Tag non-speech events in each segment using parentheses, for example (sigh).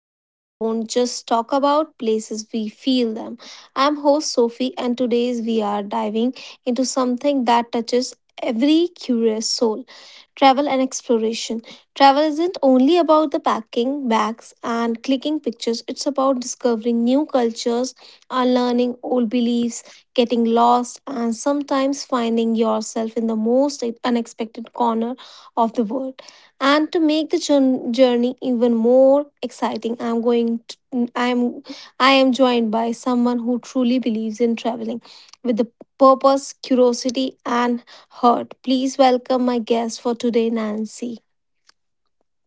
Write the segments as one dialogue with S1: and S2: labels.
S1: Where we don't just talk about places, we feel them. I'm host Sophie, and today's we are diving into something that touches every curious soul: travel and exploration. Travel isn't only about the packing bags and clicking pictures, it's about discovering new cultures, unlearning old beliefs, getting lost, and sometimes finding yourself in the most unexpected corner of the world. And to make the journey even more exciting, I'm going to I'm I am joined by someone who truly believes in traveling with the purpose, curiosity, and heart. Please welcome my guest for today, Nancy.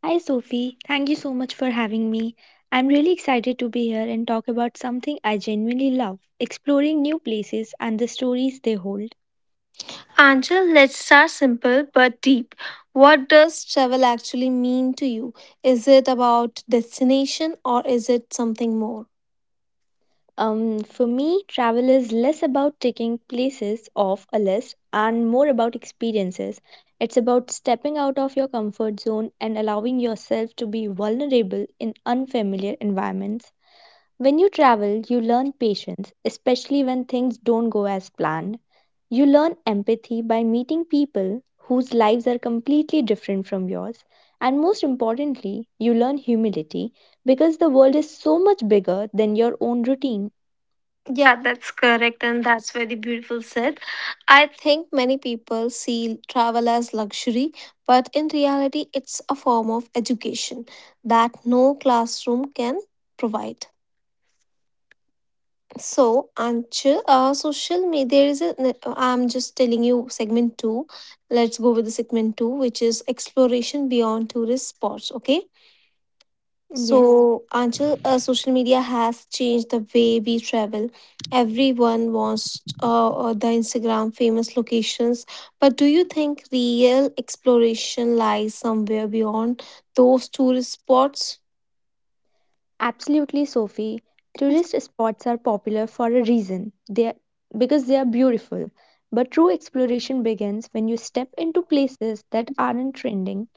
S2: Hi Sophie, thank you so much for having me. I'm really excited to be here and talk about something I genuinely love exploring new places and the stories they hold.
S1: Angel, let's start simple but deep. What does travel actually mean to you? Is it about destination or is it something more?
S2: For me, travel is less about ticking places off a list and more about experiences. It's about stepping out of your comfort zone and allowing yourself to be vulnerable in unfamiliar environments. When you travel, you learn patience, especially when things don't go as planned. You learn empathy by meeting people whose lives are completely different from yours. And most importantly, you learn humility because the world is so much bigger than your own routine.
S1: Yeah, that's correct, and that's very beautiful said. I think many people see travel as luxury, but in reality, it's a form of education that no classroom can provide. So, Anchal, social media, there is A, I'm just telling you segment two. Let's go with the segment two, which is exploration beyond tourist spots. Okay.
S2: Yes,
S1: So, Anchal, social media has changed the way we travel. Everyone wants the Instagram famous locations, but do you think real exploration lies somewhere beyond those tourist spots?
S2: absolutely, Sophie. Tourist spots are popular for a reason. They are, because they are beautiful. But true exploration begins when you step into places that aren't trending.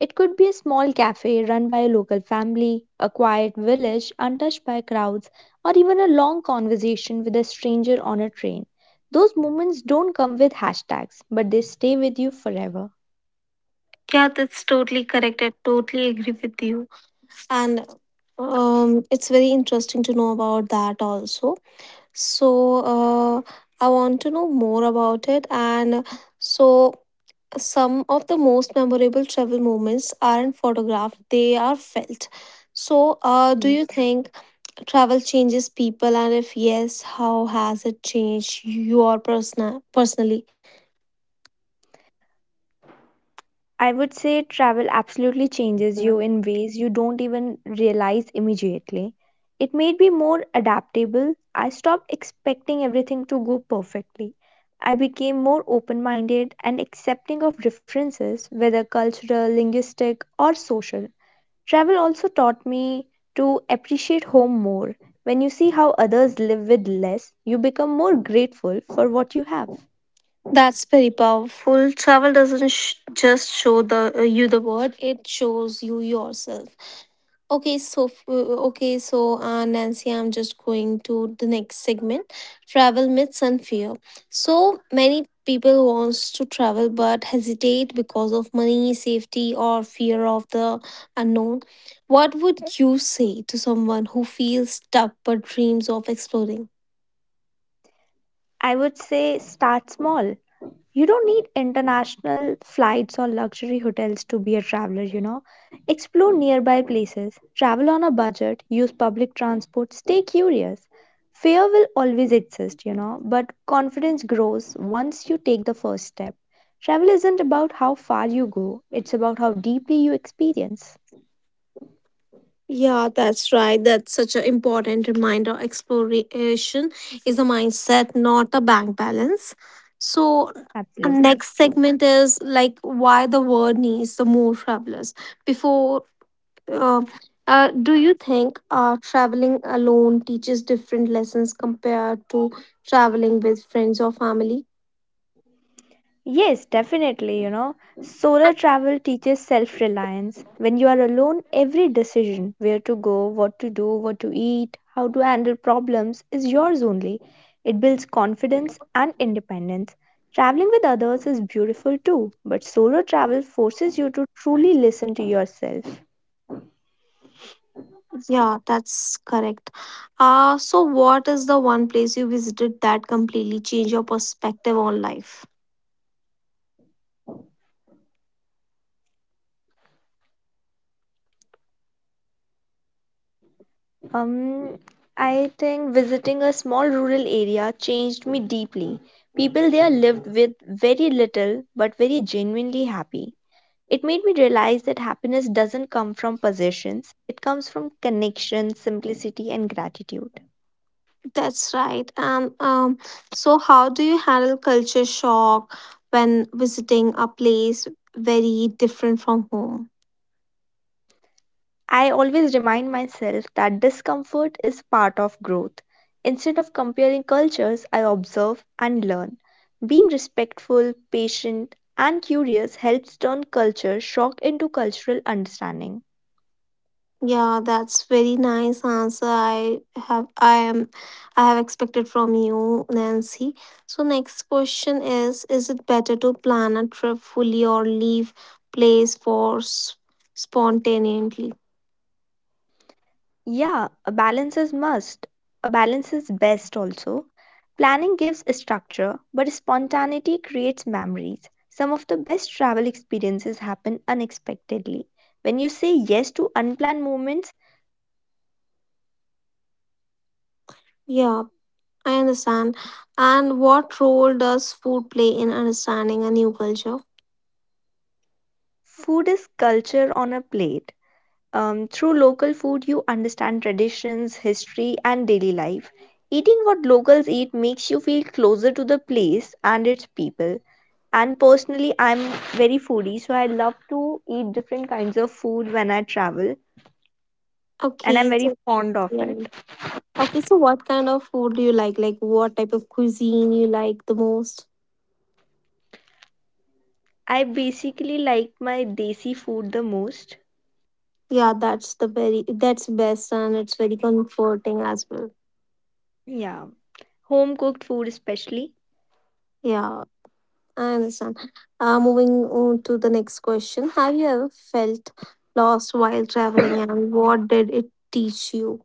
S2: It could be a small cafe run by a local family, a quiet village untouched by crowds, or even a long conversation with a stranger on a train. Those moments don't come with hashtags, but they stay with you forever.
S1: Yeah, that's totally correct. I totally agree with you. And it's very interesting to know about that also. So uh, I want to know more about it. And so, some of the most memorable travel moments aren't photographed, they are felt. So do you think travel changes people, and if yes, how has it changed you or personally?
S2: I would say travel absolutely changes you in ways you don't even realize immediately. It made me more adaptable. I stopped expecting everything to go perfectly. I became more open minded and accepting of differences, whether cultural, linguistic, or social. Travel also taught me to appreciate home more. When you see how others live with less, you become more grateful for what you have.
S1: That's very powerful. Travel doesn't just show the you the world; it shows you yourself. Okay, so Nancy, I'm just going to the next segment: travel myths and fear. So many people wants to travel but hesitate because of money, safety, or fear of the unknown. What would you say to someone who feels stuck but dreams of exploring?
S2: I would say start small. You don't need international flights or luxury hotels to be a traveler, you know. Explore nearby places, travel on a budget, use public transport, stay curious. Fear will always exist, you know, but confidence grows once you take the first step. Travel isn't about how far you go, it's about how deeply you experience.
S1: Yeah, that's right. That's such an important reminder. Exploration is a mindset, not a bank balance. So,
S2: Absolutely.
S1: next segment is like why the world needs the more travelers. Before, uh, do you think traveling alone teaches different lessons compared to traveling with friends or family?
S2: Yes, definitely, you know. Solo travel teaches self reliance. When you are alone, every decision where to go, what to do, what to eat, how to handle problems is yours only. It builds confidence and independence. Traveling with others is beautiful too, but solo travel forces you to truly listen to yourself.
S1: Yeah, that's correct. So, what is the one place you visited that completely changed your perspective on life?
S2: Um, I think visiting a small rural area changed me deeply. People there lived with very little but very genuinely happy. It made me realize that happiness doesn't come from possessions, it comes from connection, simplicity, and gratitude.
S1: That's right. And so, how do you handle culture shock when visiting a place very different from home?
S2: I always remind myself that discomfort is part of growth. Instead of comparing cultures, I observe and learn. Being respectful, patient, and curious helps turn culture shock into cultural understanding.
S1: Yeah, that's very nice answer. Have I am I have expected from you, Nancy. So next question is it better to plan a trip fully or leave place for spontaneously?
S2: Yeah, a balance is must. A balance is best also. Planning gives structure, but spontaneity creates memories. Some of the best travel experiences happen unexpectedly. When you say yes to unplanned moments,
S1: Yeah, I understand. And what role does food play in understanding a new culture?
S2: food is culture on a plate. Through local food, you understand traditions, history, and daily life. Eating what locals eat makes you feel closer to the place and its people. And personally, I'm very foodie, so I love to eat different kinds of food when I travel, and I'm
S1: Okay,
S2: very
S1: so
S2: fond of it.
S1: yeah. Okay, so what kind of food do you like? Like what type of cuisine you like the most?
S2: I basically like my desi food the most.
S1: Yeah, that's the very that's best and it's very comforting as well.
S2: Yeah, home cooked food especially.
S1: Yeah, I understand. Moving on to the next question. Have you ever felt lost while traveling and what did it teach you?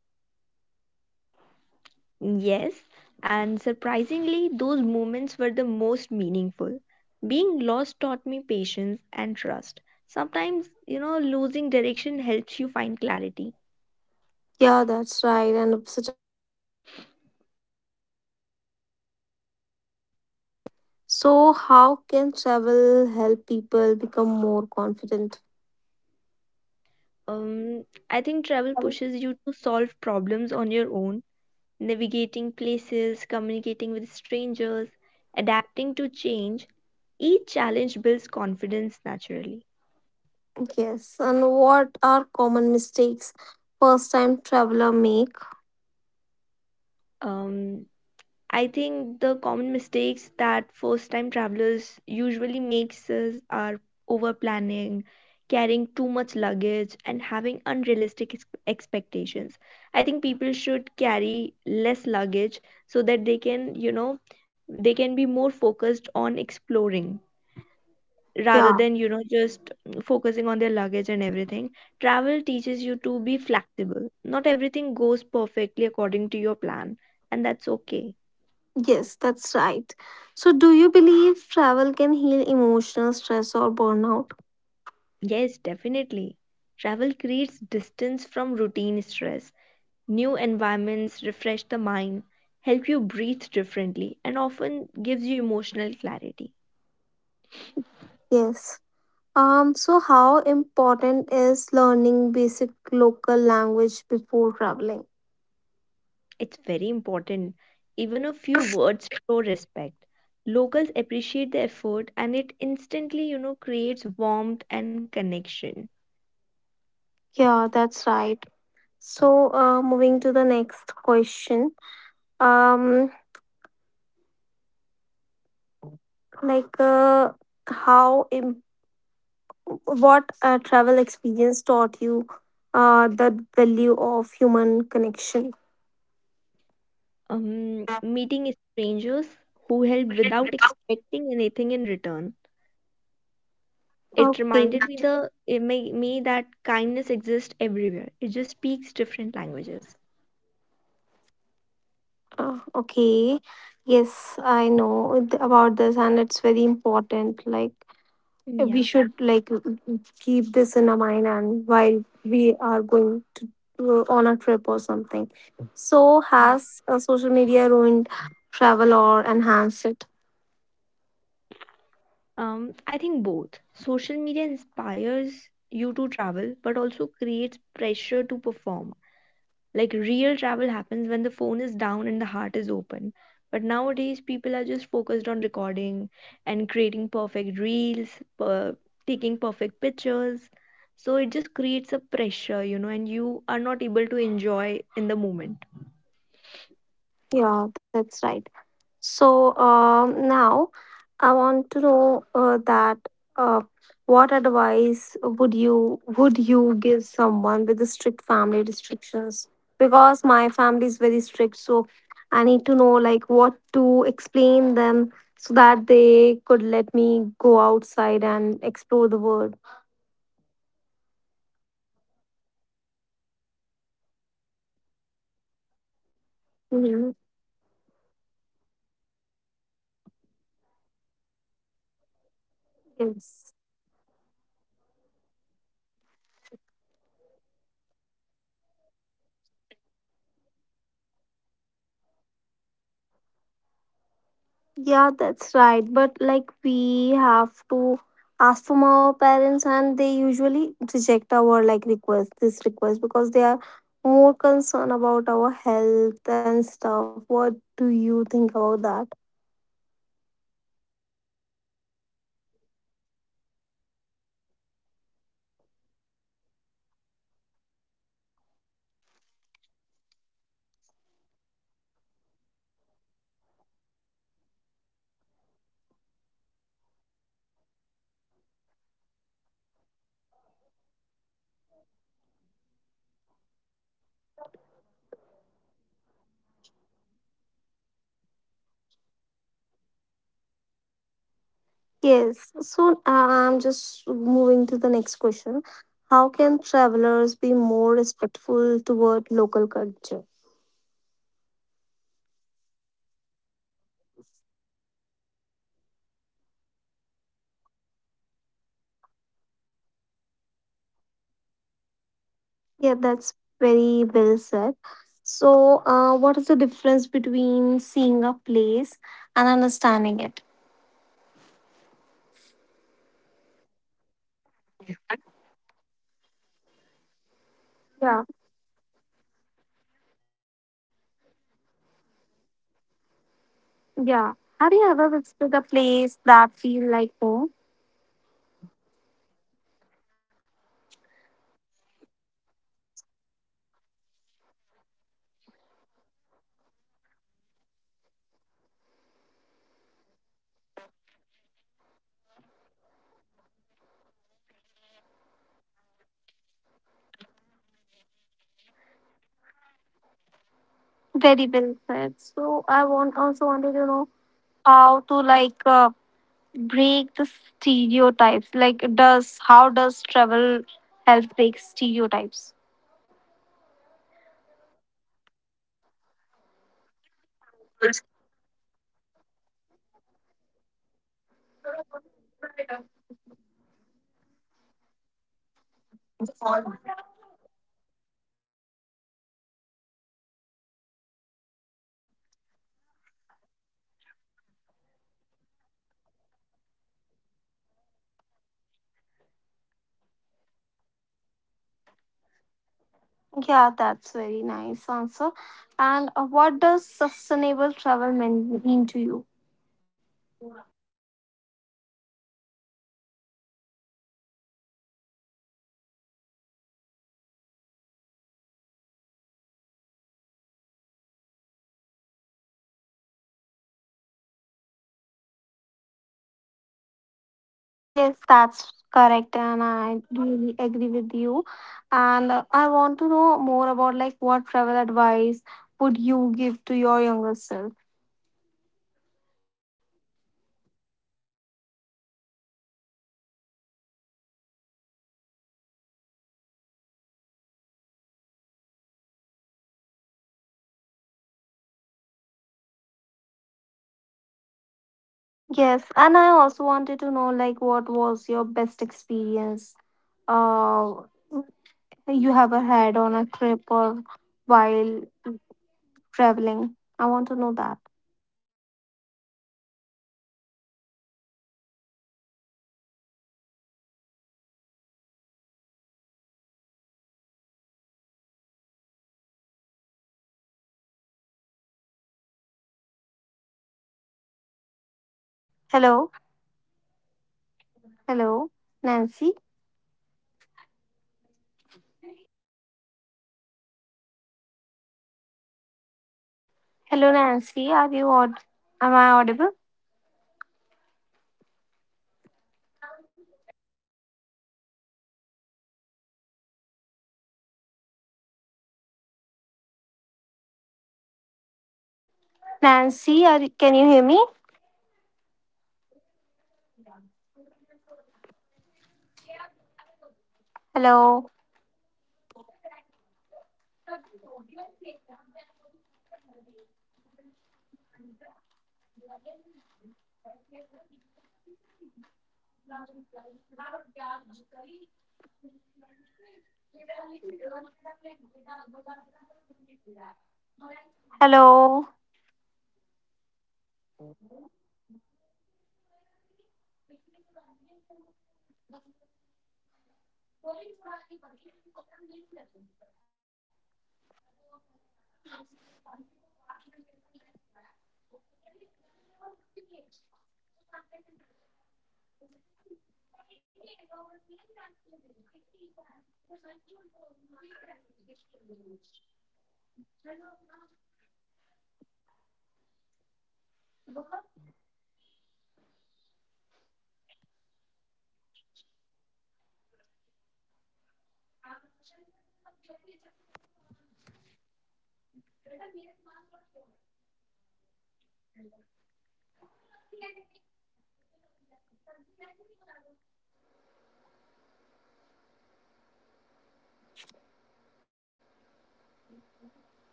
S2: Yes, and surprisingly those moments were the most meaningful. Being lost taught me patience and trust. Sometimes, you know, losing direction helps you find clarity.
S1: Yeah, that's right. And such
S3: So, how can travel help people become more confident?
S2: Um i think travel pushes you to solve problems on your own. Navigating places, communicating with strangers, adapting to change, each challenge builds confidence naturally.
S3: Yes, and what are common mistakes first time traveler make?
S2: Um, I think the common mistakes that first time travelers usually makes is are over planning, carrying too much luggage and having unrealistic expectations. I think people should carry less luggage so that they can, you know, they can be more focused on exploring
S3: Yeah,
S2: rather than, you know, just focusing on their luggage and everything. Travel teaches you to be flexible. Not everything goes perfectly according to your plan, and that's okay.
S3: yes, that's right. So, do you believe travel can heal emotional stress or burnout?
S2: Yes, definitely. Travel creates distance from routine stress. New environments refresh the mind, help you breathe differently and often gives you emotional clarity.
S3: Yes. So how important is learning basic local language before traveling?
S2: It's very important. Even a few words show respect. Locals appreciate the effort and it instantly, you know, creates warmth and connection.
S3: Yeah, that's right. So, moving to the next question. Um, like uh, how im- what a travel experience taught you the value of human connection.
S2: Meeting strangers who help without expecting anything in return. It
S3: Okay.
S2: reminded me the it made me that kindness exists everywhere. It just speaks different languages.
S3: Okay, yes, I know about this, and it's very important. Like, we
S2: Yeah,
S3: should like keep this in our mind and while we are going to on a trip or something. So
S2: yeah.
S3: has social media ruined travel or enhanced it?
S2: I think both. Social media inspires you to travel, but also creates pressure to perform. Like real travel happens when the phone is down and the heart is open. But nowadays, people are just focused on recording and creating perfect reels, per- taking perfect pictures. So it just creates a pressure, you know, and you are not able to enjoy in the moment.
S3: Yeah, that's right. So, now I want to know that uh, what advice would you give someone with the strict family restrictions? Because my family is very strict, so I need to know like what to explain them so that they could let me go outside and explore the world.
S2: Um, it's, I think, same with most of the girls and most of the people, uh, that
S3: Mhm.
S2: people are that our parents are very strict because they are just concerned about this right. So I would
S3: Yes.
S2: suggest that, start small and build trust. Communicate honestly, show responsibility. Travel doesn't have to be extreme, it begins with intention.
S3: Yeah, that's right. But like we have to ask from our parents, and they usually reject our like request, this request, because they are more concerned about our health and stuff. What do you think about that?
S2: Yeah, exactly. I agree with you that they are always concerned about us. But you know, you don't have to just go on a 10 or 15 days trip with your friends directly. You can I as I said, start small. Like start going out alone, you know, show responsibility that you can take care of yourself. Like just go for a day or two, you know, first, and they will believe you afterwards that you are responsible enough to go on your own.
S3: Yes. So I'm just moving to the next question. How can travelers be more respectful toward local culture?
S2: I think by observing not and not judging, fol- following local customs, dressing appropriately and respecting traditions show cultural maturity.
S3: Yeah, that's very well said. So, what is the difference between seeing a place and understanding it?
S2: I think seeing is visual, understanding is emotional, you know. So you should
S3: Yeah,
S2: understand a place when you connect with its people and stories.
S3: yeah. Have you ever visited a place that feel like home?
S2: Yes, absolutely. Some places give a sense of belonging instantly, you know. It proves that home is a feeling and not a location. Like I love mountains, so whenever I am at a, you know, hilly place or a mount or a place where mountains are there, so I feel like home.
S3: Very well said. So, I want also wanted to know how to break the stereotypes. Like, does how does travel help break stereotypes?
S2: Travel humanizes people. When you meet locals, stereotypes disappear and empathy grows naturally. Until and unless you won't visit a place, you will be in a, you know, you will be believing all those stereotypes, all those myths about that place. But when you visit that place, you can actually see whether that's true or not. So all the stereotypes disappear when you meet the locals, and just empathy, you know, grows naturally.
S3: Yeah, that's very nice answer. And what does sustainable travel mean to you?
S2: um, traveling responsibly, you know, supporting local businesses, reducing waste, and leaving places better than you found them.
S3: Yes, that's correct, and I really agree with you. And I want to know more about like what travel advice would you give to your younger self?
S2: Okay, so the travel advice that I would like to give to my younger self would be don't wait for the perfect moment, you know. Start where you are. Travel teaches lessons that time alone cannot.
S3: Yes, and I also wanted to know like what was your best experience uh you have had on a trip or while traveling. I want to know that.
S2: Okay, so
S3: Hello, hello, Nancy. Hello, Nancy. Are am I audible? Nancy, are can you hear me? Hello, hello,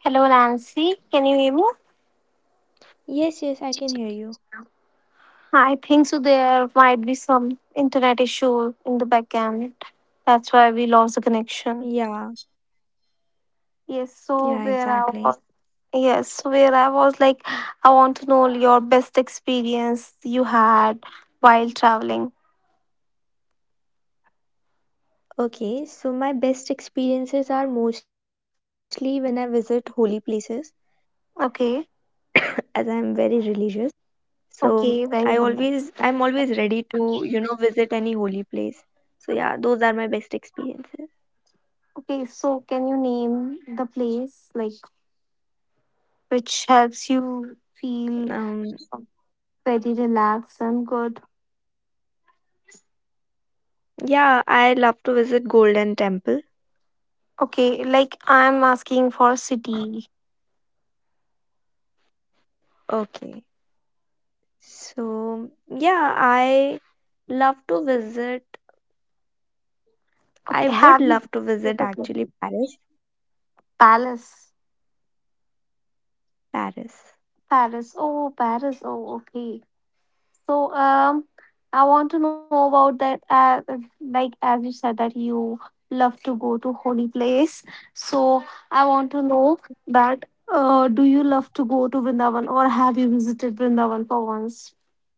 S3: hello, Nancy. Can you hear me?
S2: yes, yes, I can hear
S3: I
S2: you.
S3: think so. There might be some internet issue in the backend. That's why we lost the connection.
S2: Yeah,
S3: Yes. So where
S2: yeah,
S3: I was,
S2: exactly.
S3: yes, so where I was like, I want to know your best experience you had while traveling.
S2: Okay, so my best experiences are mostly when I visit holy places,
S3: Okay.
S2: as I'm very religious. So I
S3: Okay. Very
S2: always,
S3: nice.
S2: I'm always ready to, you know, visit any holy place. So yeah, those are my best experiences.
S3: Okay, so can you name the place? Like which helps you feel
S2: Um,
S3: very relaxed and good.
S2: yeah, I love to visit Golden Temple.
S3: Okay, like I'm asking for city.
S2: Okay, so yeah, I love to visit. I
S3: Okay,
S2: would
S3: have you
S2: love to visit actually Paris,
S3: Palace.
S2: Paris.
S3: Paris. Oh, Paris. Oh, okay. So, I want to know about that. Like, as you said that you love to go to holy place. So, I want to know that. Do you love to go to Vrindavan, or have you visited Vrindavan for once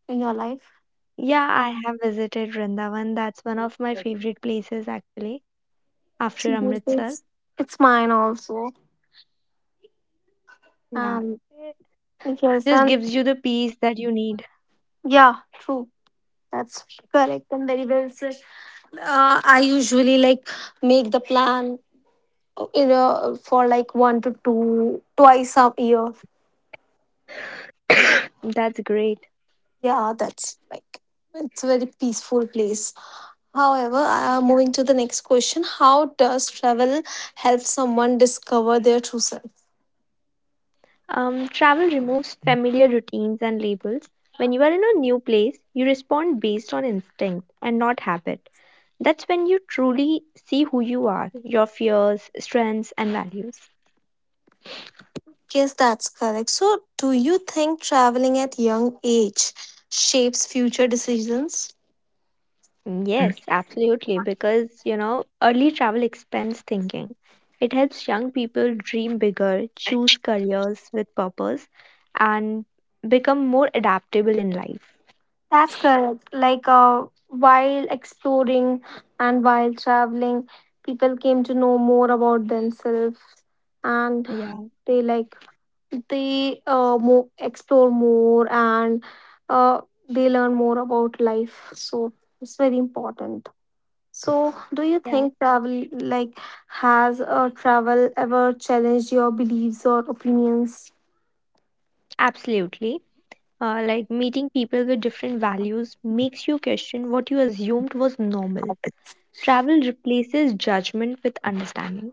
S3: in your life?
S2: Yeah, I have visited Vrindavan. That's one of my favorite places actually, after
S3: Yes,
S2: Amritsar.
S3: it's mine also.
S2: Yeah,
S3: Um,
S2: it
S3: yes,
S2: just
S3: and
S2: gives you the peace that you need.
S3: yeah, true. That's correct and very well said. I usually like make the plan, you know, for like one to two twice a year.
S2: (coughs) That's great.
S3: Yeah, that's like it's a very peaceful place. However,
S2: Yeah.
S3: moving to the next question, how does travel help someone discover their true self?
S2: Travel removes familiar routines and labels. When you are in a new place, you respond based on instinct and not habit. That's when you truly see who you are, your fears, strengths, and values.
S3: Yes, that's correct. So, do you think traveling at young age shapes future decisions?
S2: Mm, yes, absolutely. Because, you know, early travel expense thinking. It helps young people dream bigger, choose careers with purpose, and become more adaptable in life.
S3: That's correct. Like while exploring and while traveling, people came to know more about themselves, and
S2: Yeah,
S3: they like they explore more, and uh, they learn more about life. So it's very important. So, do you
S2: yeah,
S3: think travel, like, has travel ever challenged your beliefs or opinions?
S2: absolutely. Like meeting people with different values makes you question what you assumed was normal. Travel replaces judgment with understanding.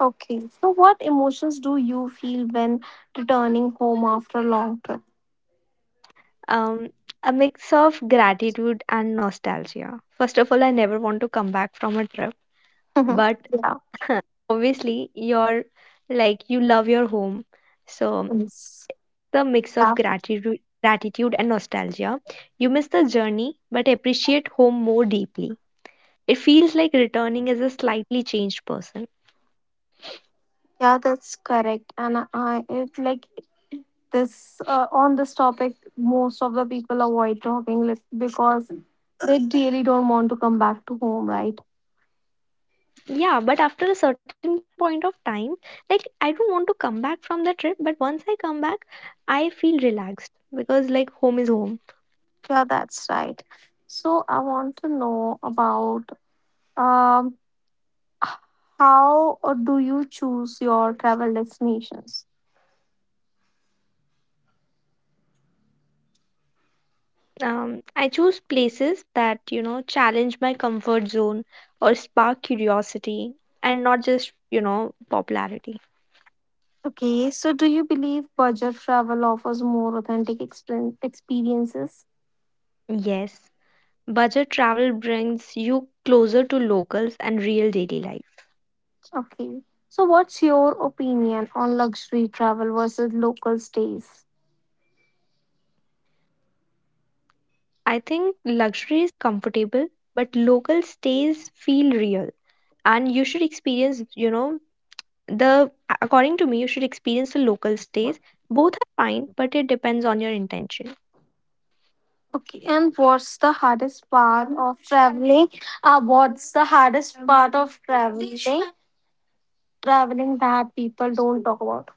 S3: Okay, so what emotions do you feel when returning home after a long trip?
S2: Um, a mix of gratitude and nostalgia. First of all, I never want to come back from a trip, but
S3: (laughs) Yeah.
S2: (laughs) obviously you're like you love your home. So
S3: Yes.
S2: the mix of
S3: Yeah.
S2: gratitude and nostalgia, you miss the journey but appreciate home more deeply. It feels like returning as a slightly changed person.
S3: Yeah, that's correct. And I it like this on this topic, most of the people avoid talking like, because they really don't want to come back to home, right?
S2: Yeah, but after a certain point of time, like I don't want to come back from the trip, but once I come back, I feel relaxed, because like home is home.
S3: Yeah, that's right. So I want to know about Um, h- how do you choose your travel destinations?
S2: I choose places that, you know, challenge my comfort zone or spark curiosity and not just, you know, popularity.
S3: Okay, so do you believe budget travel offers more authentic experiences?
S2: Yes, budget travel brings you closer to locals and real daily life.
S3: Okay, so what's your opinion on luxury travel versus local stays?
S2: I think luxury is comfortable, but local stays feel real. And you should experience, you know, the, according to me, you should experience the local stays. Both are fine, but it depends on your intention.
S3: Okay, and what's the hardest part of traveling? What's the hardest part of traveling? Traveling that people don't talk about.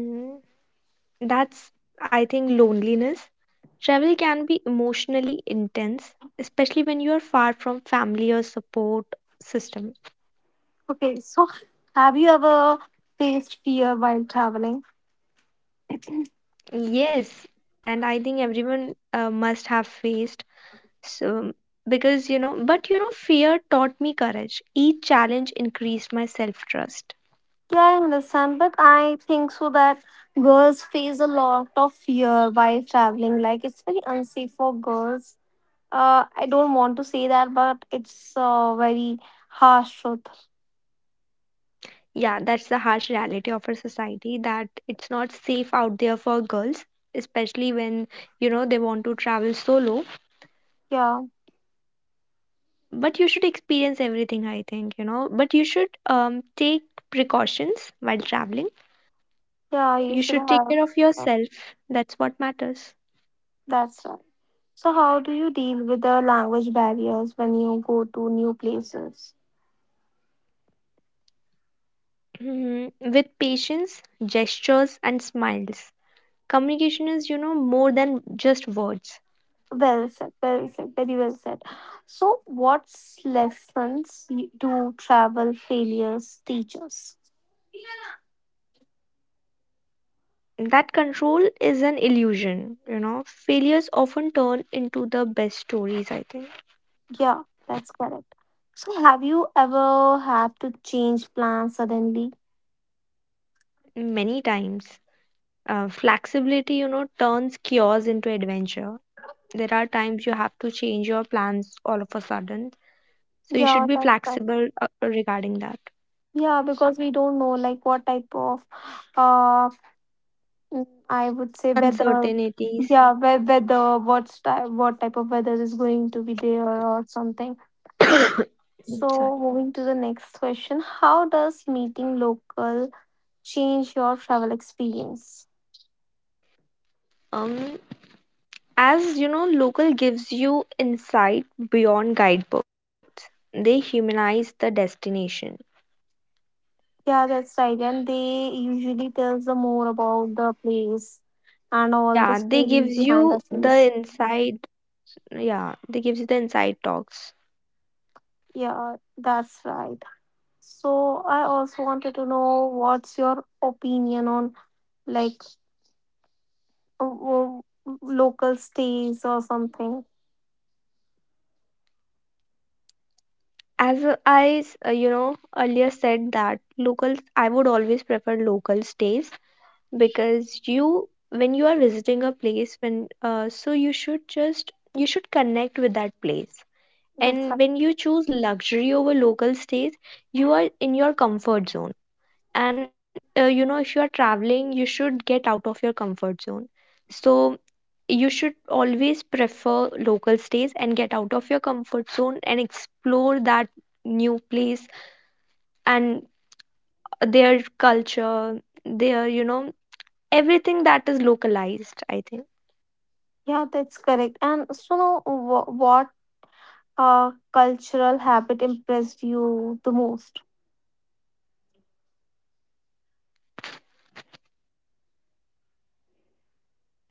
S2: Mhm. That's, I think, loneliness. Travel can be emotionally intense, especially when you are far from family or support system.
S3: Okay, so have you ever faced fear while traveling?
S2: Yes, and I think everyone must have faced so because fear taught me courage. Each challenge increased my self trust.
S3: Yeah, I understand, but I think so that girls face a lot of fear while traveling. Like it's very unsafe for girls. I don't want to say that, but it's very harsh truth.
S2: Yeah, that's the harsh reality of our society that it's not safe out there for girls, especially when they want to travel solo,
S3: Yeah,
S2: but you should experience everything, I think, but you should take precautions while traveling.
S3: yeah, you
S2: You
S3: should
S2: should take
S3: have.
S2: care of
S3: uh,
S2: yourself. That's what matters.
S3: That's right. So, how do you deal with the language barriers when you go to new places?
S2: Mhm. With patience, gestures and smiles. Communication is, more than just words.
S3: Well said, very well said. So, what's lessons do travel failures teach us?
S2: That control is an illusion, you know. Failures often turn into the best stories, I think.
S3: Yeah, that's correct. So, have you ever had to change plans suddenly?
S2: Many times. Flexibility, turns chaos into adventure. There are times you have to change your plans all of a sudden. So you should
S3: Yeah,
S2: be
S3: that's right.
S2: flexible regarding that.
S3: Yeah, because we don't know like what type of, uh, I would say weather.
S2: Uncertainties.
S3: Yeah, weather, what type of weather is going to be there or something.
S2: (coughs) Sorry.
S3: So, moving to the next question, how does meeting local change your travel experience?
S2: Um, as you know, local gives you insight beyond guidebooks. They humanize the destination.
S3: Yeah, that's right. And they usually tells the more about the place and all the
S2: Yeah, they gives
S3: stories behind the
S2: you
S3: place.
S2: the inside. Yeah, they gives you the inside talks.
S3: Yeah, that's right. So I also wanted to know what's your opinion on like uh, uh, local stays or something.
S2: You know, earlier said that locals, I would always prefer local stays because you when you are visiting a place when so you should just you should connect with that place.
S3: That's right.
S2: And when you choose luxury over local stays, you are in your comfort zone. And you know, if you are traveling, you should get out of your comfort zone. So you should always prefer local stays and get out of your comfort zone and explore that new place and their culture, their, everything that is localized, I think.
S3: Yeah, that's correct. And so now, what cultural habit impressed you the most?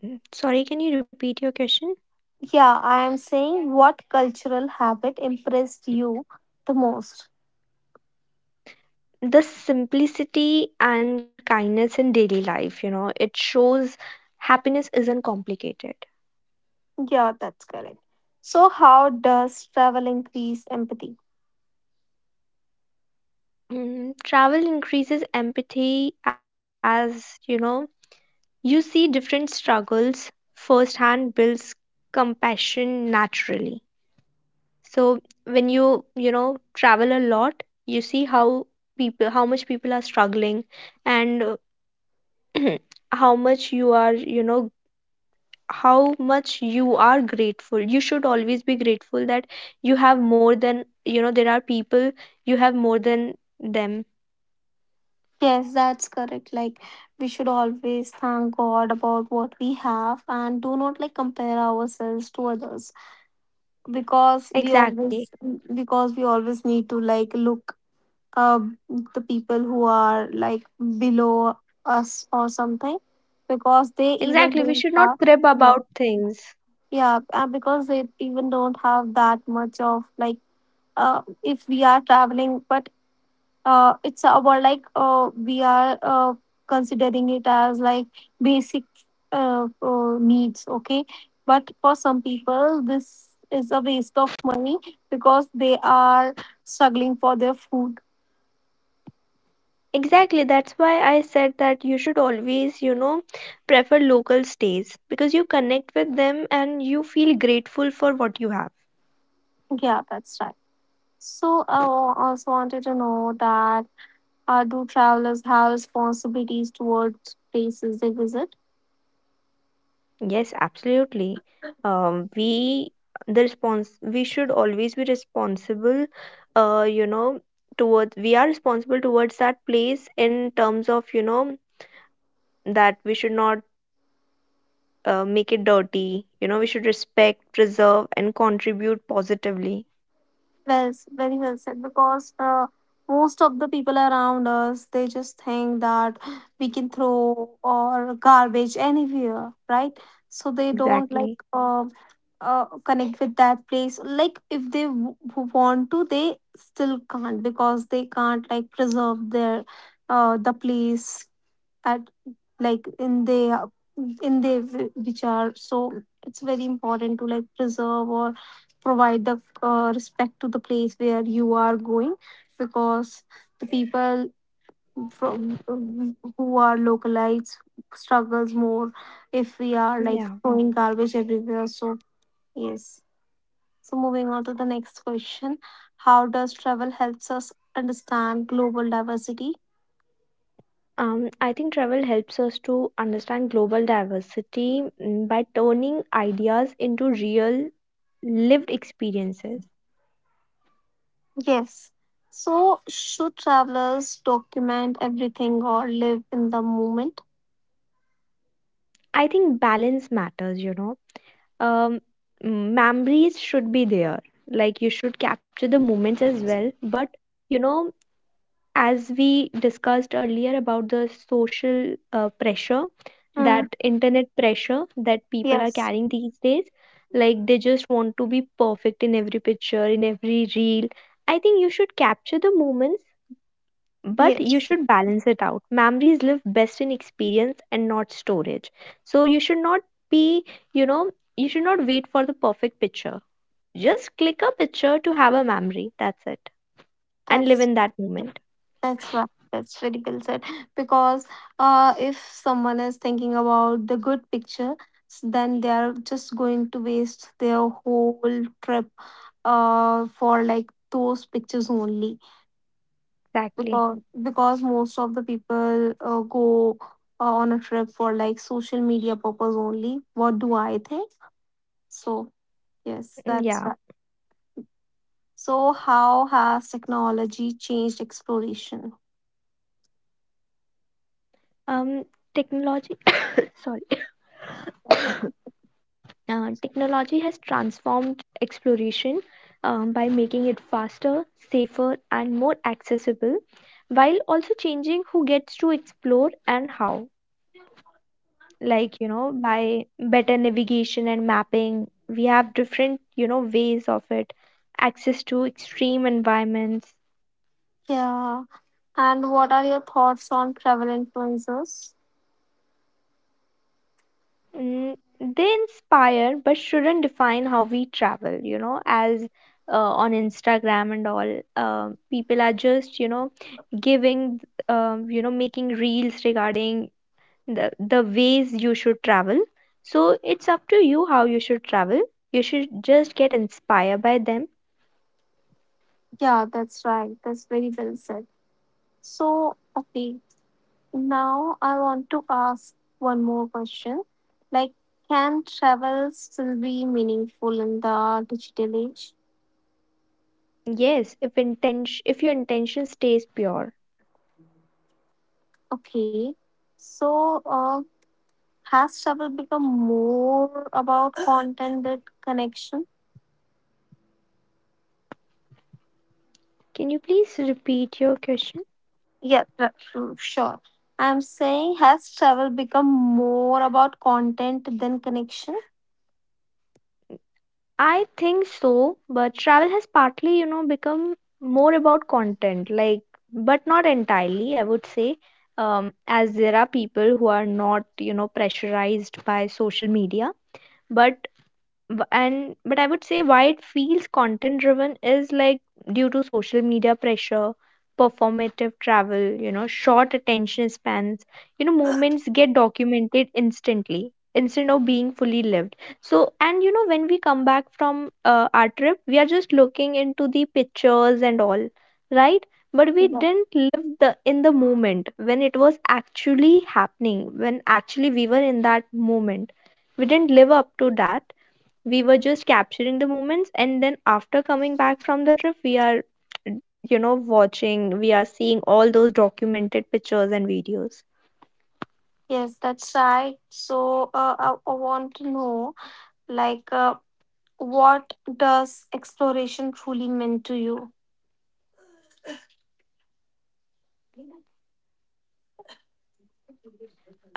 S2: Sorry, can you repeat your question?
S3: Yeah, I am saying what cultural habit impressed you the most.
S2: The simplicity and kindness in daily life, you know, it shows happiness isn't complicated.
S3: Yeah, that's correct. So, how does travel increase empathy?
S2: Travel increases empathy as, you know, you see different struggles firsthand, builds compassion naturally. So when you know, travel a lot, you see how people how much people are struggling. And (clears throat) how much you are, grateful. You should always be grateful that you have more than, there are people, you have more than them.
S3: Yes, that's correct. Like, we should always thank God about what we have and do not like compare ourselves to others, because
S2: Exactly.
S3: we always need to like look uh the people who are like below us or something, because they even
S2: Exactly, we
S3: don't
S2: should not
S3: have.
S2: crib
S3: Yeah,
S2: about things.
S3: yeah, and because they even don't have that much of like, if we are traveling, but it's our like we are considering it as like basic needs. Okay, but for some people this is a waste of money because they are struggling for their food.
S2: Exactly, that's why I said that you should always, you know, prefer local stays because you connect with them and you feel grateful for what you have.
S3: Yeah, that's right. So I also wanted to know that, do travelers have responsibilities towards places they visit?
S2: Yes, absolutely. We The response, we should always be responsible. You know, towards We are responsible towards that place in terms of, you know, that we should not make it dirty. You know, we should respect, preserve, and contribute positively.
S3: Well, very well said. Because most of the people around us, they just think that we can throw or garbage anywhere, right? So they don't like
S2: Exactly.
S3: connect with that place. Like if they want to, they still can't, because they can't like preserve their the place at like in their which are so it's very important to like preserve or provide the respect to the place where you are going, because the people from who are localites struggles more if we are like
S2: Yeah.
S3: throwing garbage everywhere. So yes, so moving on to the next question, how does travel helps us understand global diversity?
S2: I think travel helps us to understand global diversity by turning ideas into real lived experiences.
S3: Yes. So, should travelers document everything or live in the moment?
S2: I think balance matters, you know. Um, Memories should be there. Like you should capture the moments as well. But, you know, as we discussed earlier about the social pressure, that
S3: Mm,
S2: internet pressure that people are
S3: yes,
S2: carrying these days, like they just want to be perfect in every picture, in every reel. I think you should capture the moments, but
S3: yes,
S2: you should balance it out. Memories live best in experience and not storage. So you should not be, you know, you should not wait for the perfect picture. Just click a picture to have a memory, that's it. And live
S3: that's
S2: in that moment.
S3: that's right. That's very well said. Because if someone is thinking about the good picture, then they are just going to waste their whole trip for like those pictures only.
S2: Exactly.
S3: because because most of the people go on a trip for like social media purpose only. What do I think? So
S2: Yeah.
S3: yes, that's right. So how has technology changed exploration?
S2: Um, technology, (coughs) sorry, (coughs) uh, technology has transformed exploration by making it faster, safer, and more accessible, while also changing who gets to explore and how. Like, you know, by better navigation and mapping, we have different, you know, ways of it, access to extreme environments.
S3: Yeah, and what are your thoughts on travel influencers?
S2: mm, they inspire but shouldn't define how we travel, you know. As on Instagram and all, people are just, you know, giving, making reels regarding the ways you should travel. So it's up to you how you should travel. You should just get inspired by them.
S3: Yeah, that's right. That's very well said. So okay, now I want to ask one more question. Like, can travel still be meaningful in the digital age?
S2: Yes, if your intention stays pure.
S3: Okay. So, has travel become more about content than connection?
S2: Can you please repeat your question?
S3: Sure. I'm saying, has travel become more about content than connection?
S2: I think so, but travel has partly, you know, become more about content, like, but not entirely, I would say. As there are people who are not, you know, pressurized by social media, but b- and but I would say why it feels content driven is like due to social media pressure, performative travel, you know, short attention spans, you know, moments get documented instantly instead of being fully lived. So, and you know, when we come back from our trip, we are just looking into the pictures and all, right? But we
S3: Yeah.
S2: didn't live the in the moment when it was actually happening, when actually we were in that moment. We didn't live up to that. We were just capturing the moments, and then after coming back from the trip, we are, you know, watching, we are seeing all those documented pictures and videos.
S3: Yes, that's right. So, I want to know, like, what does exploration truly mean to you?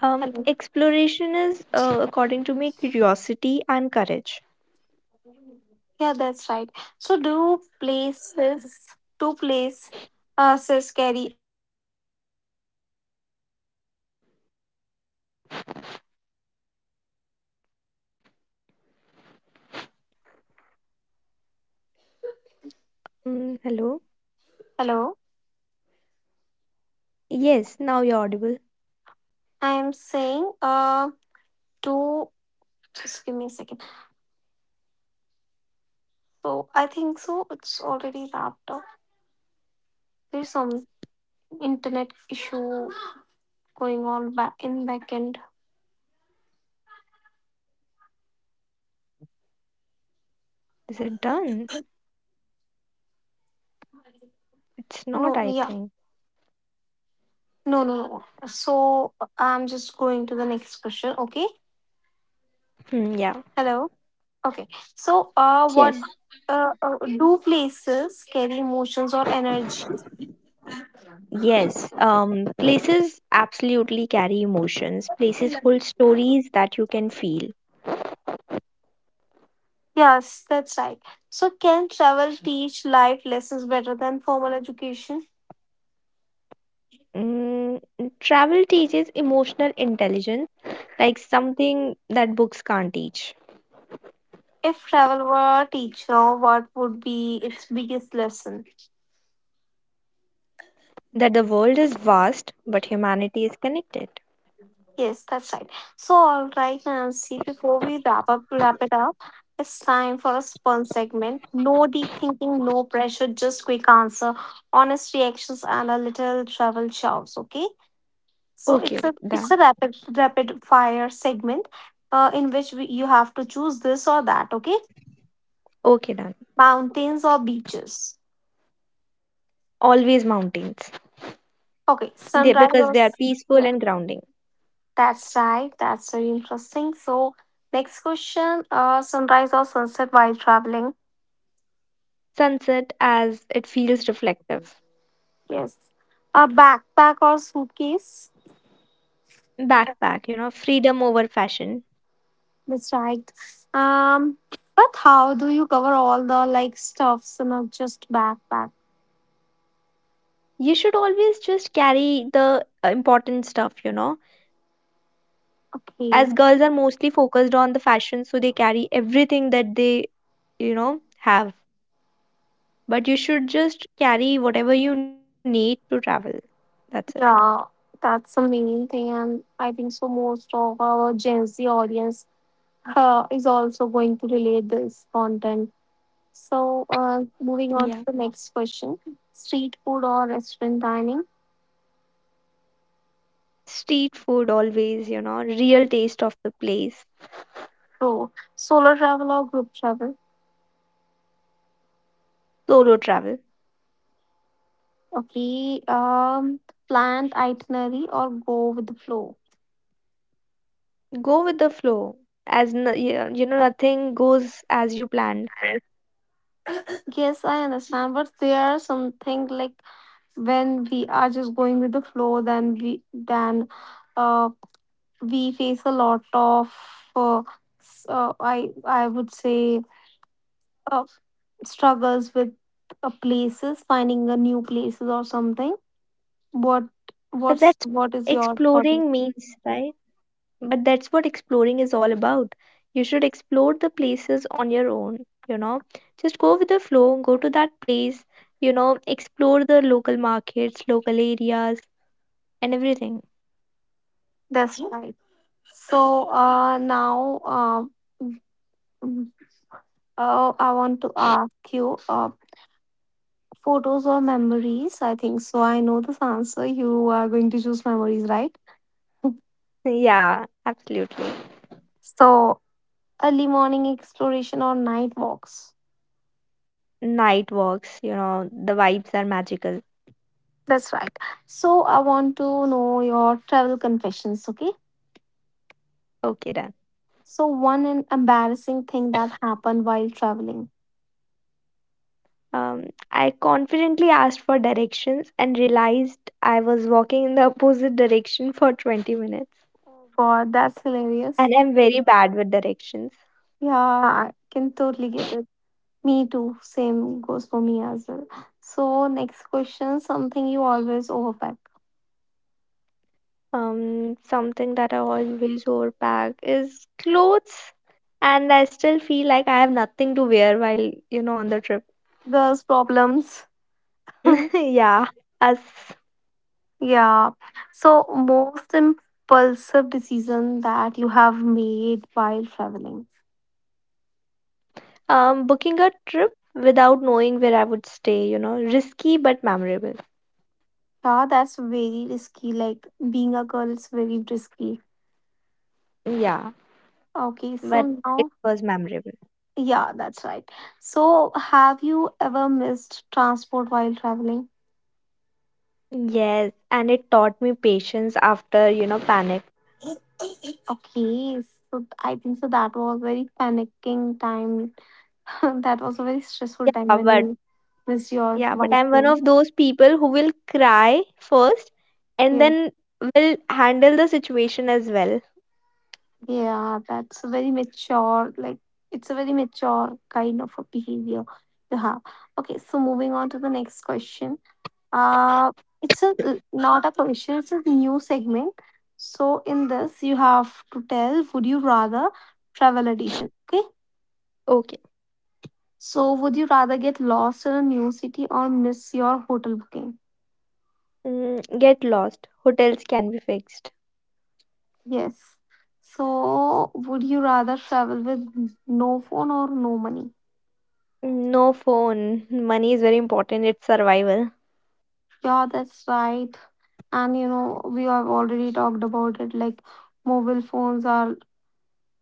S3: Hello.
S2: Exploration is, according to me, curiosity and courage.
S3: Yeah, that's right. So do places says carry
S2: Hello.
S1: Hello.
S2: Yes, now you're audible.
S1: I am saying to just give me a second. So I think so it's already wrapped up. There's some internet issue going on back in back end.
S2: Is it done? It's not, I think.
S1: No, yeah. No, no, no. So I'm just going to the next question, okay?
S2: Yeah.
S1: Hello. Okay. So
S2: Yes.
S1: what do places carry emotions or energy?
S2: Yes. Places absolutely carry emotions. Places hold stories that you can feel.
S1: Yes, that's right. So can travel teach life lessons better than formal education?
S2: Mm, Travel teaches emotional intelligence, like something that books can't teach.
S1: If travel were a teacher, what would be its biggest lesson?
S2: That the world is vast, but humanity is connected.
S1: Yes, that's right. So, all right, Nancy, before we wrap it up, it's time for a fun segment. No deep thinking, no pressure, just quick answer, honest reactions, and a little travel chows. Okay, so it's
S2: Okay,
S1: a
S2: okay,
S1: it's a
S2: done.
S1: rapid fire segment, in which you have to choose this or that. Okay,
S2: Okay, done.
S1: mountains or beaches.
S2: Always mountains.
S1: Okay,
S2: They,
S1: sunrise
S2: because
S1: or
S2: they are peaceful
S1: yeah.
S2: and grounding.
S1: That's right. That's very interesting. So, next question, sunrise or sunset while traveling?
S2: Sunset, as it feels reflective.
S1: Yes. A backpack or suitcase?
S2: Backpack, you know, freedom over fashion.
S1: That's right. Um, but how do you cover all the like stuffs and not just backpack?
S2: You should always just carry the important stuff, you know.
S1: Okay.
S2: As girls are mostly focused on the fashion, so they carry everything that they, you know, have, but you should just carry whatever you need to travel. That's it.
S1: Yeah, that's the main thing, and I think so. Most of our Gen Z audience is also going to relate this content. So, moving on
S2: Yeah.
S1: to the next question, street food or restaurant dining?
S2: Street food always, you know, real taste of the place.
S1: Pro. Solo travel or group travel?
S2: Solo travel.
S1: Okay. Planned itinerary or go with the flow?
S2: Go with the flow. As no, yeah, you know, nothing goes as you planned.
S1: Yes, I understand, but there are something like when we are just going with the flow, then we then uh we face a lot of uh, I would say uh struggles with places, finding a new places or something. what
S2: But
S1: what's
S2: that's
S1: what is your project?
S2: exploring means, right? what exploring is all about. You should explore the places on your own, you know. Just go with the flow, go to that place, you know, explore the local markets, local areas, and everything.
S1: That's, yeah, right. So now, mm, I want to ask you, photos or memories? I think so, I know this answer, you are going to choose memories, right?
S2: Yeah, absolutely.
S1: So early morning exploration or night walks?
S2: Night walks, you know, the vibes are magical.
S1: That's right. So I want to know your travel confessions. Okay.
S2: Okay, done.
S1: So one an embarrassing thing that happened while traveling.
S2: I confidently asked for directions and realized I was walking in the (laughs) opposite direction for 20 minutes.
S1: Oh god, that's hilarious.
S2: And I'm very bad with directions.
S1: Yeah, I can totally get it. Me too. Same goes for me as well. So, next question, something you always overpack.
S2: Something that I always overpack is clothes, and I still feel like I have nothing to wear while, you know, on the trip.
S1: Girls' problems.
S2: (laughs)
S1: (laughs)
S2: Yeah, us.
S1: Yeah. So, most impulsive decision that you have made while traveling.
S2: Booking a trip without knowing where I would stay, you know, risky but memorable.
S1: Yeah, that's very risky. Like being a girl is very risky.
S2: Yeah.
S1: Okay,
S2: But
S1: so
S2: it
S1: now,
S2: was memorable.
S1: yeah, that's right. So, have you ever missed transport while traveling?
S2: Yes, and it taught me patience after, you know, panic.
S1: Okay, so I think so that was very panicking time. (laughs) That was a very stressful
S2: Yeah,
S1: time when
S2: but
S1: you miss your
S2: yeah, but
S1: wife.
S2: I'm one
S1: So,
S2: of those people who will cry first and
S1: yeah,
S2: then will handle the situation as well.
S1: yeah, that's a very mature, like it's a very mature kind of a behavior to have. Okay, so moving on to the next question. Uh, it's a not a question, it's a new segment. So in this, you have to tell, would you rather, travel edition? Okay.
S2: Okay.
S1: So would you rather get lost in a new city or miss your hotel booking?
S2: Get lost. Hotels can be fixed.
S1: Yes. So, would you rather travel with no phone or no money?
S2: No phone. (laughs) Money is very important. It's survival.
S1: Yeah, that's right. And you know, we have already talked about it. Like, mobile phones are,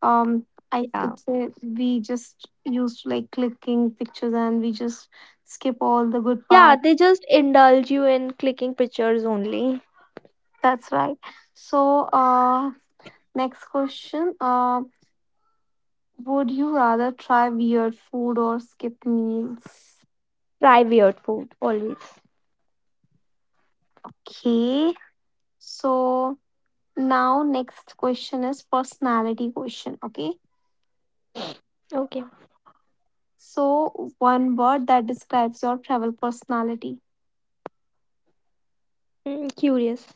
S1: I
S2: Yeah.
S1: could say, we just used to like clicking pictures and we just skip all the good
S2: Yeah,
S1: parts.
S2: they just indulge you in clicking pictures only.
S1: That's right. So, next question. Would you rather try weird food or skip meals?
S2: Try weird food always.
S1: Okay. So, now, next question is personality question. Okay.
S2: Okay,
S1: So, one word that describes your travel personality.
S2: curious.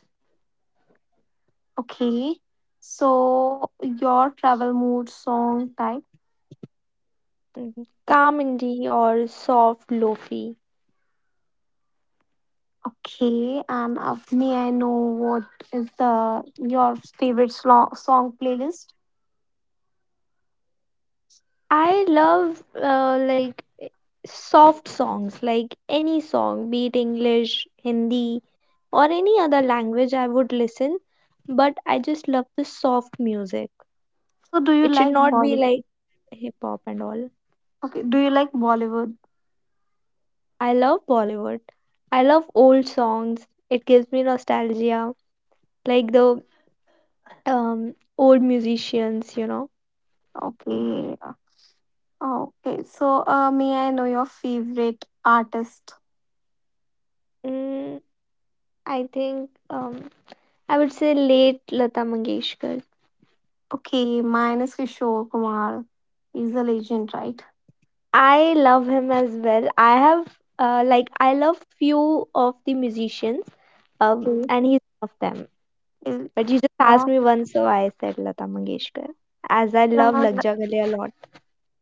S1: Okay. So, your travel mood, song type.
S2: Calm indie or soft lofi.
S1: Okay. And may I know what is the your favorite song playlist?
S2: I love soft songs, like any song, be it English, Hindi, or any other language. I would listen, but I just love the soft music.
S1: So, do you
S2: It should
S1: like
S2: not be like
S1: Bollywood?
S2: hip hop and all.
S1: Okay. Do you like Bollywood?
S2: I love Bollywood. I love old songs. It gives me nostalgia, like the old musicians, you know.
S1: Okay. Okay. So, may I know your favorite artist?
S2: Mm, I think um, I would say late Lata Mangeshkar.
S1: Okay, mine is Kishore Kumar. He's a legend, right?
S2: I love him as well. I have I love few of the musicians,
S1: Okay.
S2: and he's one of them.
S1: Eh,
S2: But you just asked
S1: Yeah,
S2: me once, so I said Lata Mangeshkar, as I
S1: yeah,
S2: love Lag Ja Gale a lot.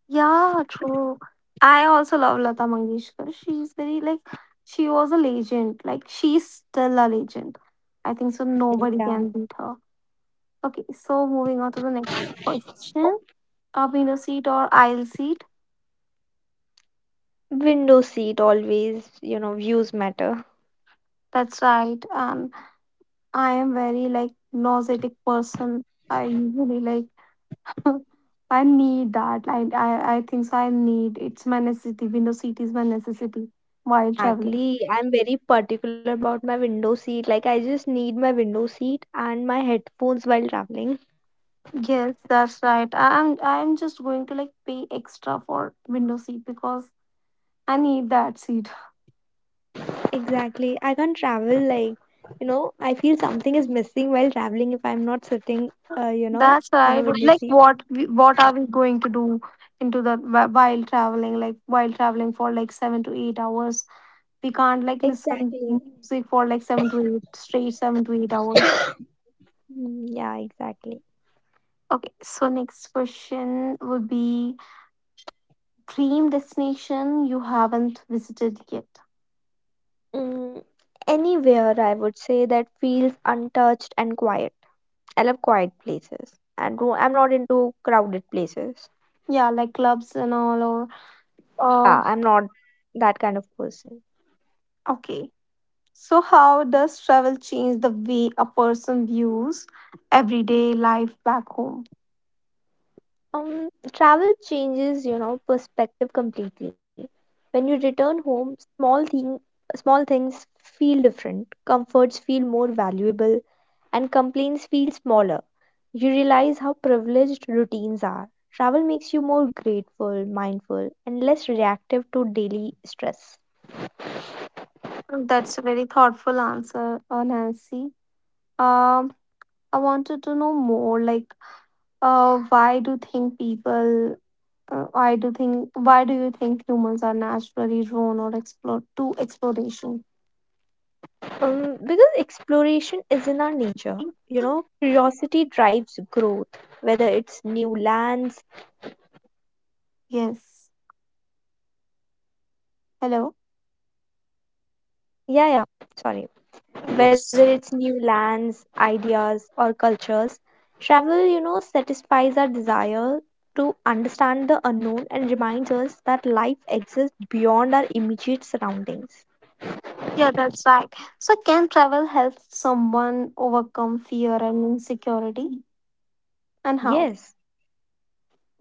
S1: yeah, true. I also love Lata Mangeshkar. She's very like she was a legend. Like she's still a legend. I think so. Nobody
S2: Yeah,
S1: can beat her. Okay, so moving on to the next question. A window seat or aisle seat?
S2: window seat always, you know, views matter.
S1: That's right. And I am very like nauseatic person. I usually like (laughs) I need that. I think so. I need, it's my necessity. Window seat is my necessity while traveling.
S2: Exactly. I'm very particular about my window seat. Like, I just need my window seat and my headphones while traveling.
S1: Yes, that's right. I'm just going to like pay extra for window seat because I need that seat.
S2: Exactly. I can't travel, like, you know, I feel something is missing while traveling if I'm not sitting, you know,
S1: That's
S2: on a
S1: right. But,
S2: window
S1: like
S2: seat.
S1: what are we going to do into while traveling? Like while traveling for like 7 to 8 hours, we can't like listen
S2: Exactly.
S1: music for like 7 to 8 hours.
S2: Yeah, exactly.
S1: Okay, so next question would be dream destination you haven't visited yet?
S2: Mm, Anywhere, I would say, that feels untouched and quiet. I love quiet places. And don't- I'm not into crowded places.
S1: Yeah, like clubs and all, or uh,
S2: Yeah, I'm not that kind of person.
S1: okay. So, how does travel change the way a person views everyday life back home?
S2: Um, Travel changes, you know, perspective completely. When you return home, small things feel different. Comforts feel more valuable, and complaints feel smaller. You realize how privileged routines are. Travel makes you more grateful, mindful, and less reactive to daily stress.
S1: That's a very thoughtful answer, Nancy. Um, I wanted to know more. Like, why do think people? Why do think? Why do you think humans are naturally drawn or explore to exploration?
S2: Because exploration is in our nature. You know, curiosity drives growth, whether it's new lands.
S1: Yes. Hello.
S2: Yeah, yeah. Sorry. Whether
S1: Yes.
S2: it's new lands, ideas, or cultures. Travel, you know, satisfies our desire to understand the unknown and reminds us that life exists beyond our immediate surroundings.
S1: Yeah, that's right. So, can travel help someone overcome fear and insecurity, and how?
S2: Yes,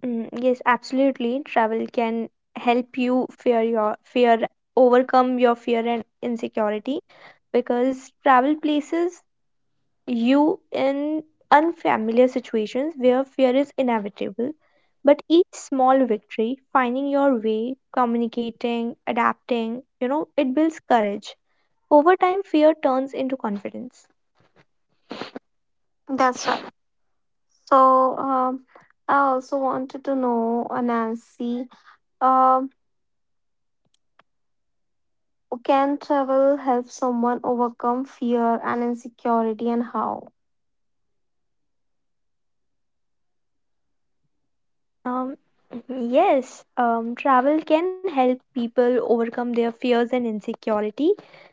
S2: yes, absolutely. Travel can help you overcome your fear and insecurity because travel places you in unfamiliar situations where fear is inevitable. But each small victory, finding your way, communicating, adapting, you know, it builds courage. Over time, fear turns into confidence.
S1: That's right. So, I also wanted to know, Nancy, um, can travel help someone overcome fear and insecurity, and how?
S2: Um, yes, Travel can help people overcome their fears and insecurity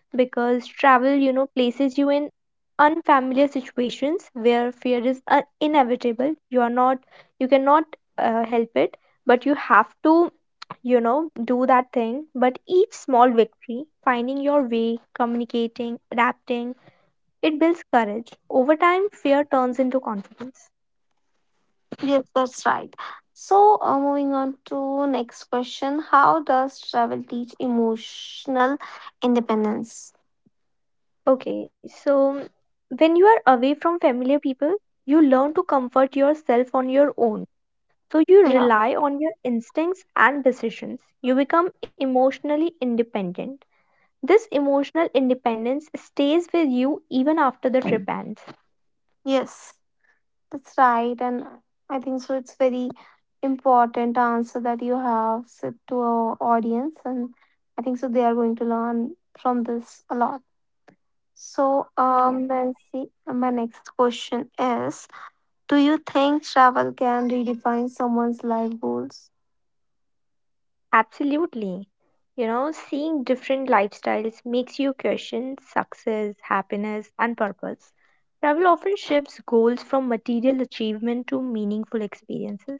S2: because travel, you know, places you in unfamiliar situations where fear is inevitable. You are not, you cannot help it, but you have to, you know, do that thing. But each small victory, finding your way, communicating, adapting, it builds courage. Over time, fear turns into confidence.
S1: Yes, that's right. So, moving on to next question, how does travel teach emotional independence?
S2: Okay, so when you are away from familiar people, you learn to comfort yourself on your own. So you
S1: Yeah.
S2: rely on your instincts and decisions. You become emotionally independent. This emotional independence stays with you even after the trip ends.
S1: Yes. That's right. And I think so it's very important answer that you have said to our audience. And I think so they are going to learn from this a lot. So
S2: Yeah,
S1: let's see, my next question is, do you think travel can redefine someone's life goals?
S2: absolutely. You know, seeing different lifestyles makes you question success, happiness, and purpose. Travel often shifts goals from material achievement to meaningful experiences.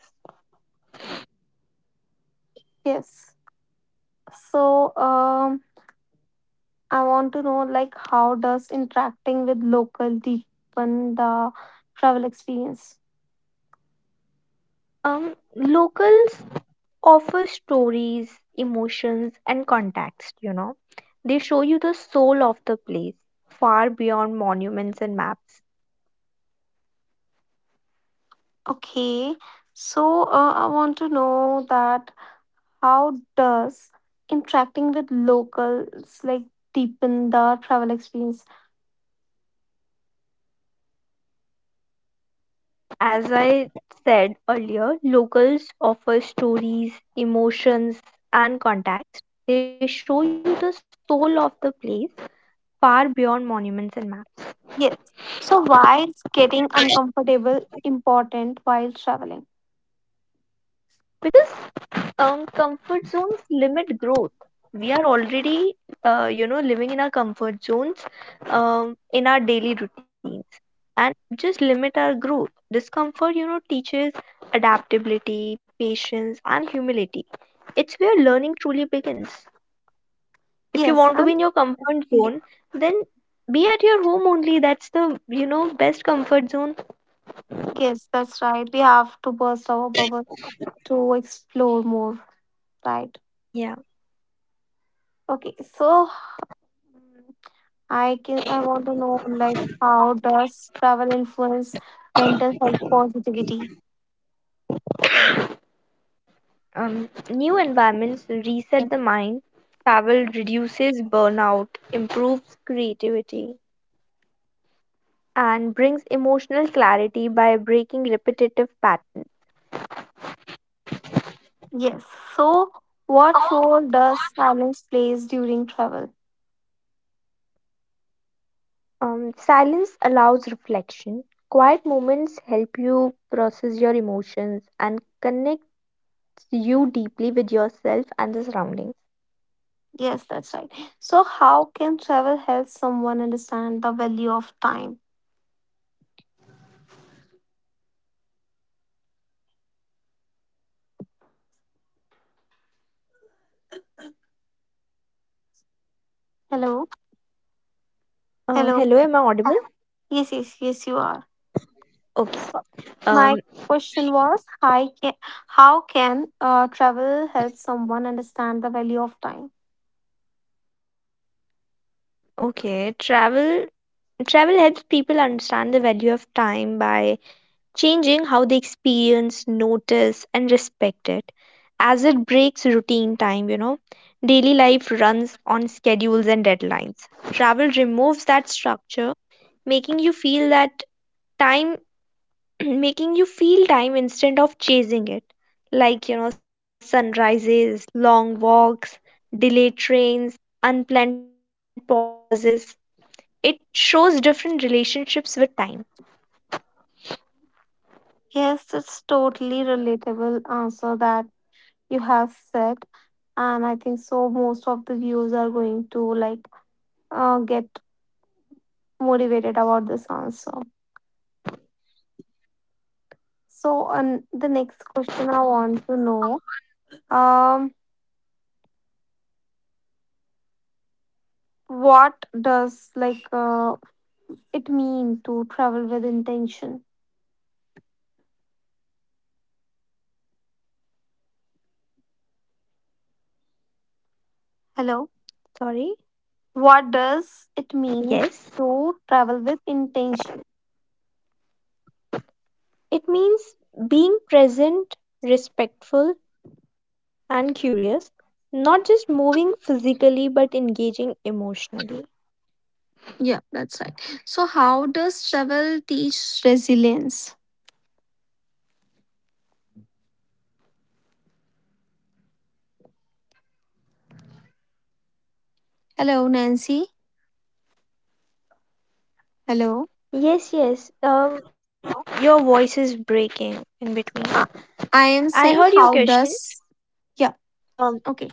S1: Yes. So um I want to know, like, how does interacting with local deepen the travel experience?
S2: Locals offer stories, emotions, and context, you know. They show you the soul of the place, far beyond monuments and maps.
S1: Okay, so I want to know that, how does interacting with locals like deepen the travel experience?
S2: As I said earlier, locals offer stories, emotions, and context. They show you the soul of the place, far beyond monuments and maps.
S1: Yes. So why is getting uncomfortable important while traveling?
S2: Because comfort zones limit growth. We are already you know, living in our comfort zones, in our daily routines, and just limit our growth. Discomfort, you know, teaches adaptability, patience, and humility. It's where learning truly begins. If you
S1: Yes,
S2: want to be in your comfort
S1: and
S2: zone, then be at your home only. That's the, you know, best comfort zone.
S1: yes, that's right. We have to burst our bubble to explore more, right?
S2: Yeah.
S1: Okay, so mm, I want to know, like, how does travel influence mental health positivity?
S2: New environments reset the mind, travel reduces burnout, improves creativity, and brings emotional clarity by breaking repetitive patterns.
S1: Yes. So, what role does silence plays during travel?
S2: Silence allows reflection. Quiet moments help you process your emotions and connects you deeply with yourself and the surroundings.
S1: Yes, that's right. So, how can travel help someone understand the value of time? Hello, hello.
S2: Hello, am I audible?
S1: Yes, yes, yes. You are.
S2: Okay.
S1: So, my
S2: Um,
S1: question was, hi, how can travel help someone understand the value of time?
S2: okay. Travel travel helps people understand the value of time by changing how they experience, notice, and respect it as it breaks routine time, you know. Daily life runs on schedules and deadlines. Travel removes that structure, making you feel that time, (clears throat) making you feel time instead of chasing it. Like, you know, sunrises, long walks, delayed trains, unplanned pauses. It shows different relationships with time.
S1: Yes, it's totally relatable answer that you have said, and I think so. Most of the viewers are going to like get motivated about this answer. So, on the next question, I want to know, um, what does, like, it mean to travel with intention? Hello,
S2: Sorry,
S1: what does it mean
S2: yes.
S1: to travel with intention?
S2: It means being present, respectful, and curious, not just moving physically but engaging emotionally.
S1: Yeah, that's right. So, how does travel teach resilience? Hello, Nancy. Hello.
S2: Yes, yes. Your voice is breaking in between.
S1: Uh, I am
S2: I
S1: saying,
S2: heard your
S1: how
S2: question.
S1: does yeah,
S2: Um,
S1: okay,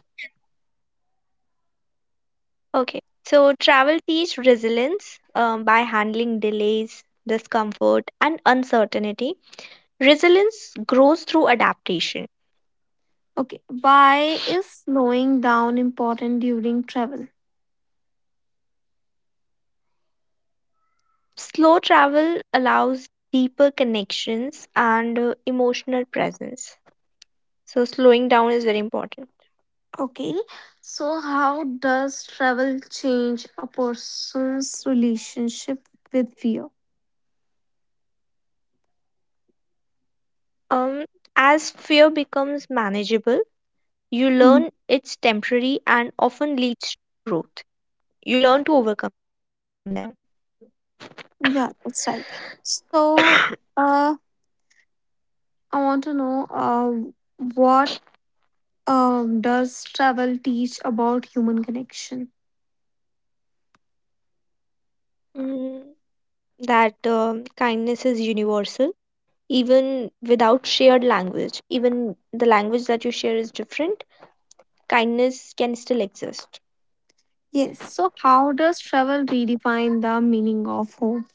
S2: okay. So travel teach resilience by handling delays, discomfort, and uncertainty. Resilience grows through adaptation.
S1: okay. Why is slowing down important during travel?
S2: Slow travel allows deeper connections and emotional presence. So slowing down is very important.
S1: Okay, so how does travel change a person's relationship with fear?
S2: Um, as fear becomes manageable, you learn
S1: Mhm.
S2: it's temporary and often leads to growth. You learn to overcome them.
S1: Yeah, that's right. So, uh, I want to know, uh, what does travel teach about human connection?
S2: Mm, that kindness is universal, even without shared language. Even the language that you share is different. Kindness can still exist.
S1: Yes, so how does travel redefine the meaning of home?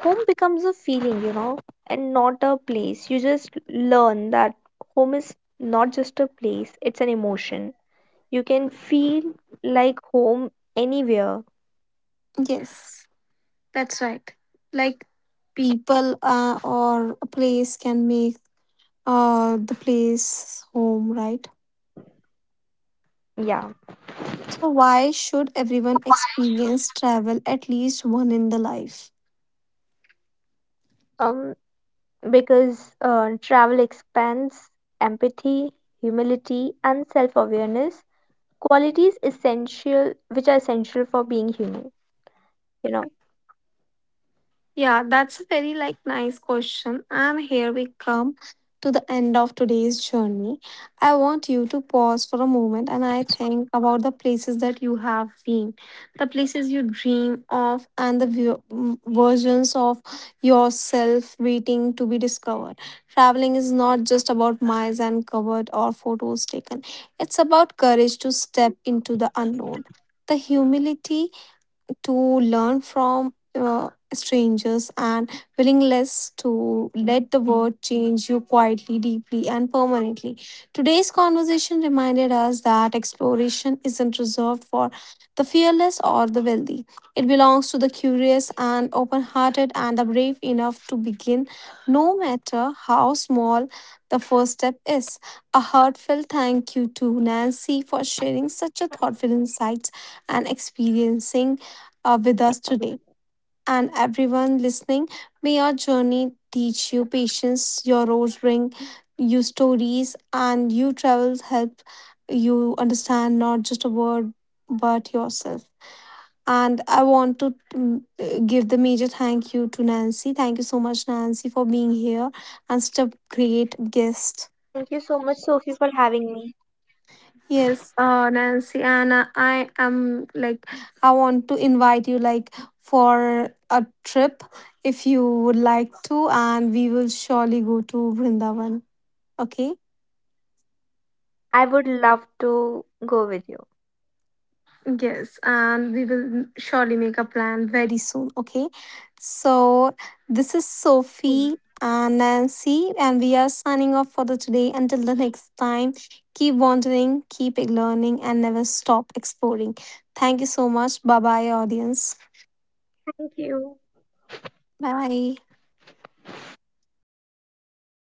S2: Home becomes a feeling, you know, and not a place. You just learn that home is not just a place; it's an emotion. You can feel like home anywhere.
S1: Yes, that's right. Like, people or a place can make the place home, right?
S2: Yeah.
S1: So, why should everyone experience travel at least one in the life?
S2: Um, because travel expands empathy, humility, and self awareness, qualities essential which are essential for being human, you know.
S1: Yeah, that's a very, like, nice question. And here we come to the end of today's journey. I want you to pause for a moment and I think about the places that you have been, the places you dream of, and the versions of yourself waiting to be discovered. Traveling is not just about miles and covered or photos taken, it's about courage to step into the unknown. The humility to learn from strangers and willingness to let the world change you quietly, deeply, and permanently. Today's conversation reminded us that exploration isn't reserved for the fearless or the wealthy. It belongs to the curious and open hearted and the brave enough to begin, no matter how small the first step is. A heartfelt thank you to Nancy for sharing such a thoughtful insights and experiencing with us today. And everyone listening, may your journey teach you patience, your roads bring you stories, and your travels help you understand not just a world but yourself. And I want to give the major thank you to Nancy. Thank you so much, Nancy, for being here and such a great
S2: Thank you
S1: guest.
S2: so much, Sophie, for having me.
S1: Yes, Nancy, and I am like, I want to invite you, like, for a trip if you would like to, and we will surely go to Vrindavan. Okay.
S2: I would love to go with you.
S1: Yes, and we will surely make a plan very soon. Okay. So this is Sophie
S2: Cool.
S1: and Nancy, and we are signing off for the today. Until the next time, keep wandering, keep learning, and never stop exploring. Thank you so much. Bye bye, audience.
S2: Thank you.
S1: Bye. Oh.